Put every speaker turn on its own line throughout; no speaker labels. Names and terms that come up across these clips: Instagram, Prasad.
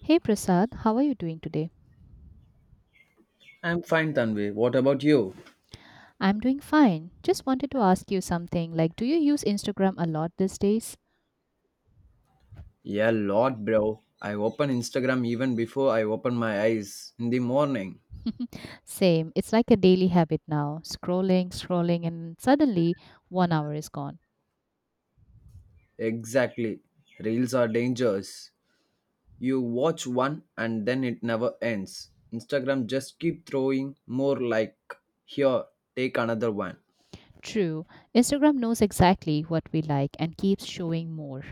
Hey Prasad, how are you doing today?
I'm fine, Tanvi. What about you?
I'm doing fine. Just wanted to ask you something, like, do you use Instagram a lot these days?
Yeah, lot, bro. I open Instagram even before I open my eyes in the morning.
Same. It's like a daily habit now. Scrolling, scrolling, and suddenly one hour is gone.
Exactly. Reels are dangerous. You watch one and then it never ends. Instagram just keep throwing more like, here, take another one.
True. Instagram knows exactly what we like and keeps showing more.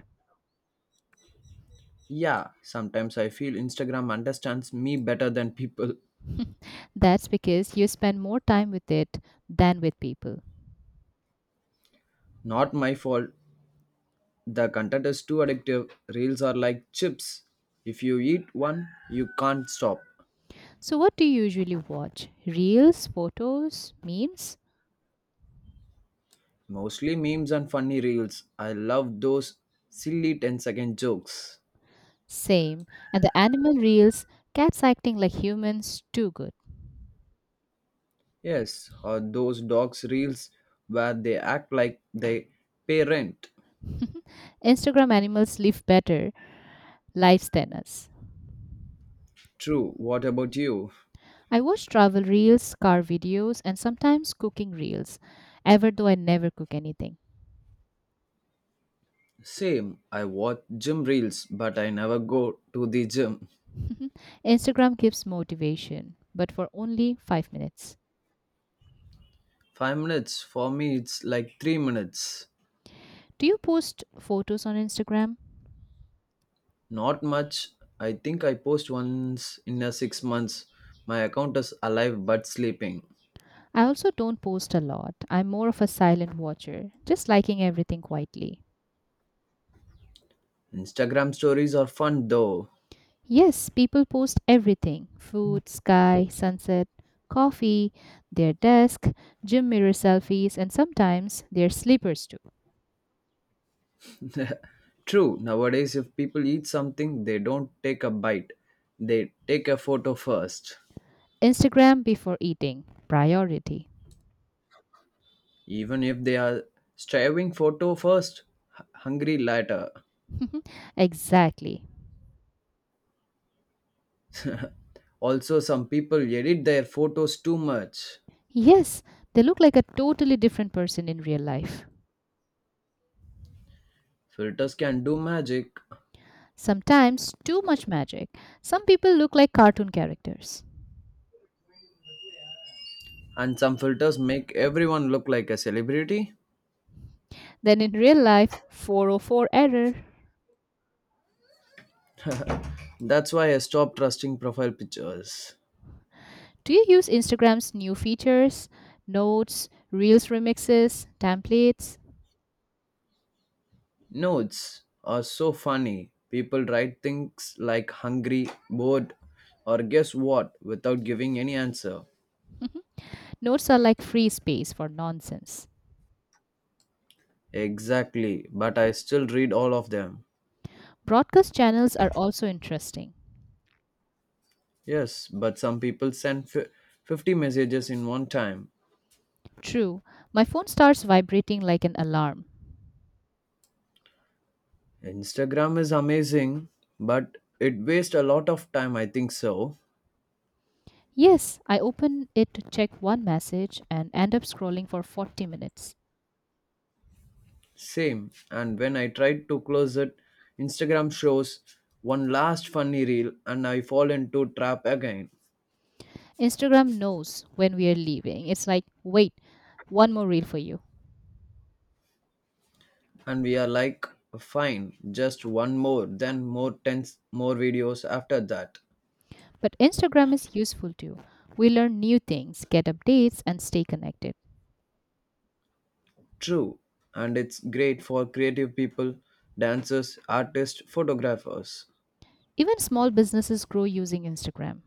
Yeah, sometimes I feel Instagram understands me better than people.
That's because you spend more time with it than with people.
Not my fault. The content is too addictive. Reels are like chips. If you eat one, you can't stop.
So, what do you usually watch? Reels, photos, memes?
Mostly memes and funny reels. I love those silly ten-second jokes.
Same. And the animal reels, cats acting like humans, too good.
Yes, or those dogs reels where they act like they pay rent.
Instagram animals live better lives than us.
True, what about you?
I watch travel reels, car videos, and sometimes cooking reels, ever though I never cook anything.
Same, I watch gym reels but I never go to the gym.
Instagram gives motivation, but for only 5 minutes.
5 minutes, for me it's like 3 minutes.
Do you post photos on Instagram?
Not much. I think I post once in a 6 months. My account is alive but sleeping.
I also don't post a lot. I'm more of a silent watcher, just liking everything quietly.
Instagram stories are fun though.
Yes, people post everything, food, sky, sunset, coffee, their desk, gym mirror selfies, and sometimes their sleepers too.
True, nowadays, if people eat something, they don't take a bite, they take a photo first.
Instagram before eating. Priority.
Even if they are striving, photo first, hungry later.
Exactly.
Also, some people edit their photos too much.
Yes, they look like a totally different person in real life.
Filters can do magic,
Sometimes too much magic. Some people look like cartoon characters.
and some filters make everyone look like a celebrity.
Then in real life, 404 error.
That's why I stopped trusting profile pictures.
Do you use Instagram's new features, notes, reels remixes, templates?
Notes are so funny. People write things like hungry, bored, or guess what without giving any answer.
Notes are like free space for nonsense.
Exactly, but I still read all of them.
Broadcast channels are also interesting.
Yes, but some people send fi 50 messages in one time.
True, my phone starts vibrating like an alarm.
Instagram is amazing, but it wastes a lot of time, I think so.
Yes, I open it to check one message and end up scrolling for 40 minutes.
Same, and when I tried to close it, Instagram shows one last funny reel and I fall into trap again.
Instagram knows when we are leaving. It's like, wait, one more reel for you.
And we are like, fine, just one more, then more tens, more videos after that.
But Instagram is useful too. We learn new things, get updates, and stay connected.
True. And it's great for creative people, dancers, artists, photographers.
Even small businesses grow using Instagram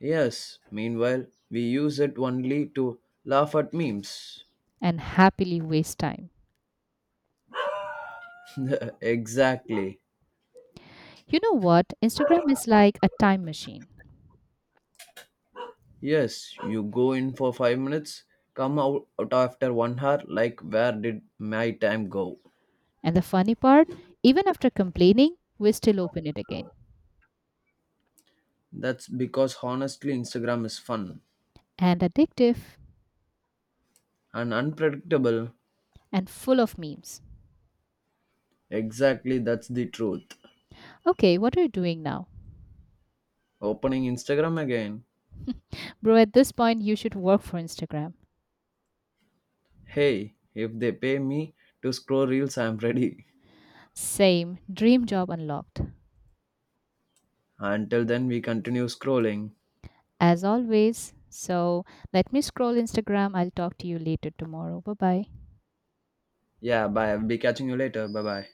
Yes, meanwhile, we use it only to laugh at memes.
and happily waste time.
Exactly.
You know what? Instagram is like a time machine.
Yes, you go in for 5 minutes, come out after 1 hour, like, where did my time go?
And the funny part, even after complaining, we still open it again.
That's because honestly, Instagram is fun
And addictive,
and unpredictable.
and full of memes.
Exactly, that's the truth.
Okay, what are you doing now?
Opening Instagram again.
Bro, at this point, you should work for Instagram.
Hey, if they pay me to scroll reels, I'm ready.
Same, dream job unlocked.
Until then, we continue scrolling.
As always, so let me scroll Instagram. I'll talk to you later tomorrow. Bye bye.
Yeah, bye. I'll be catching you later. Bye bye.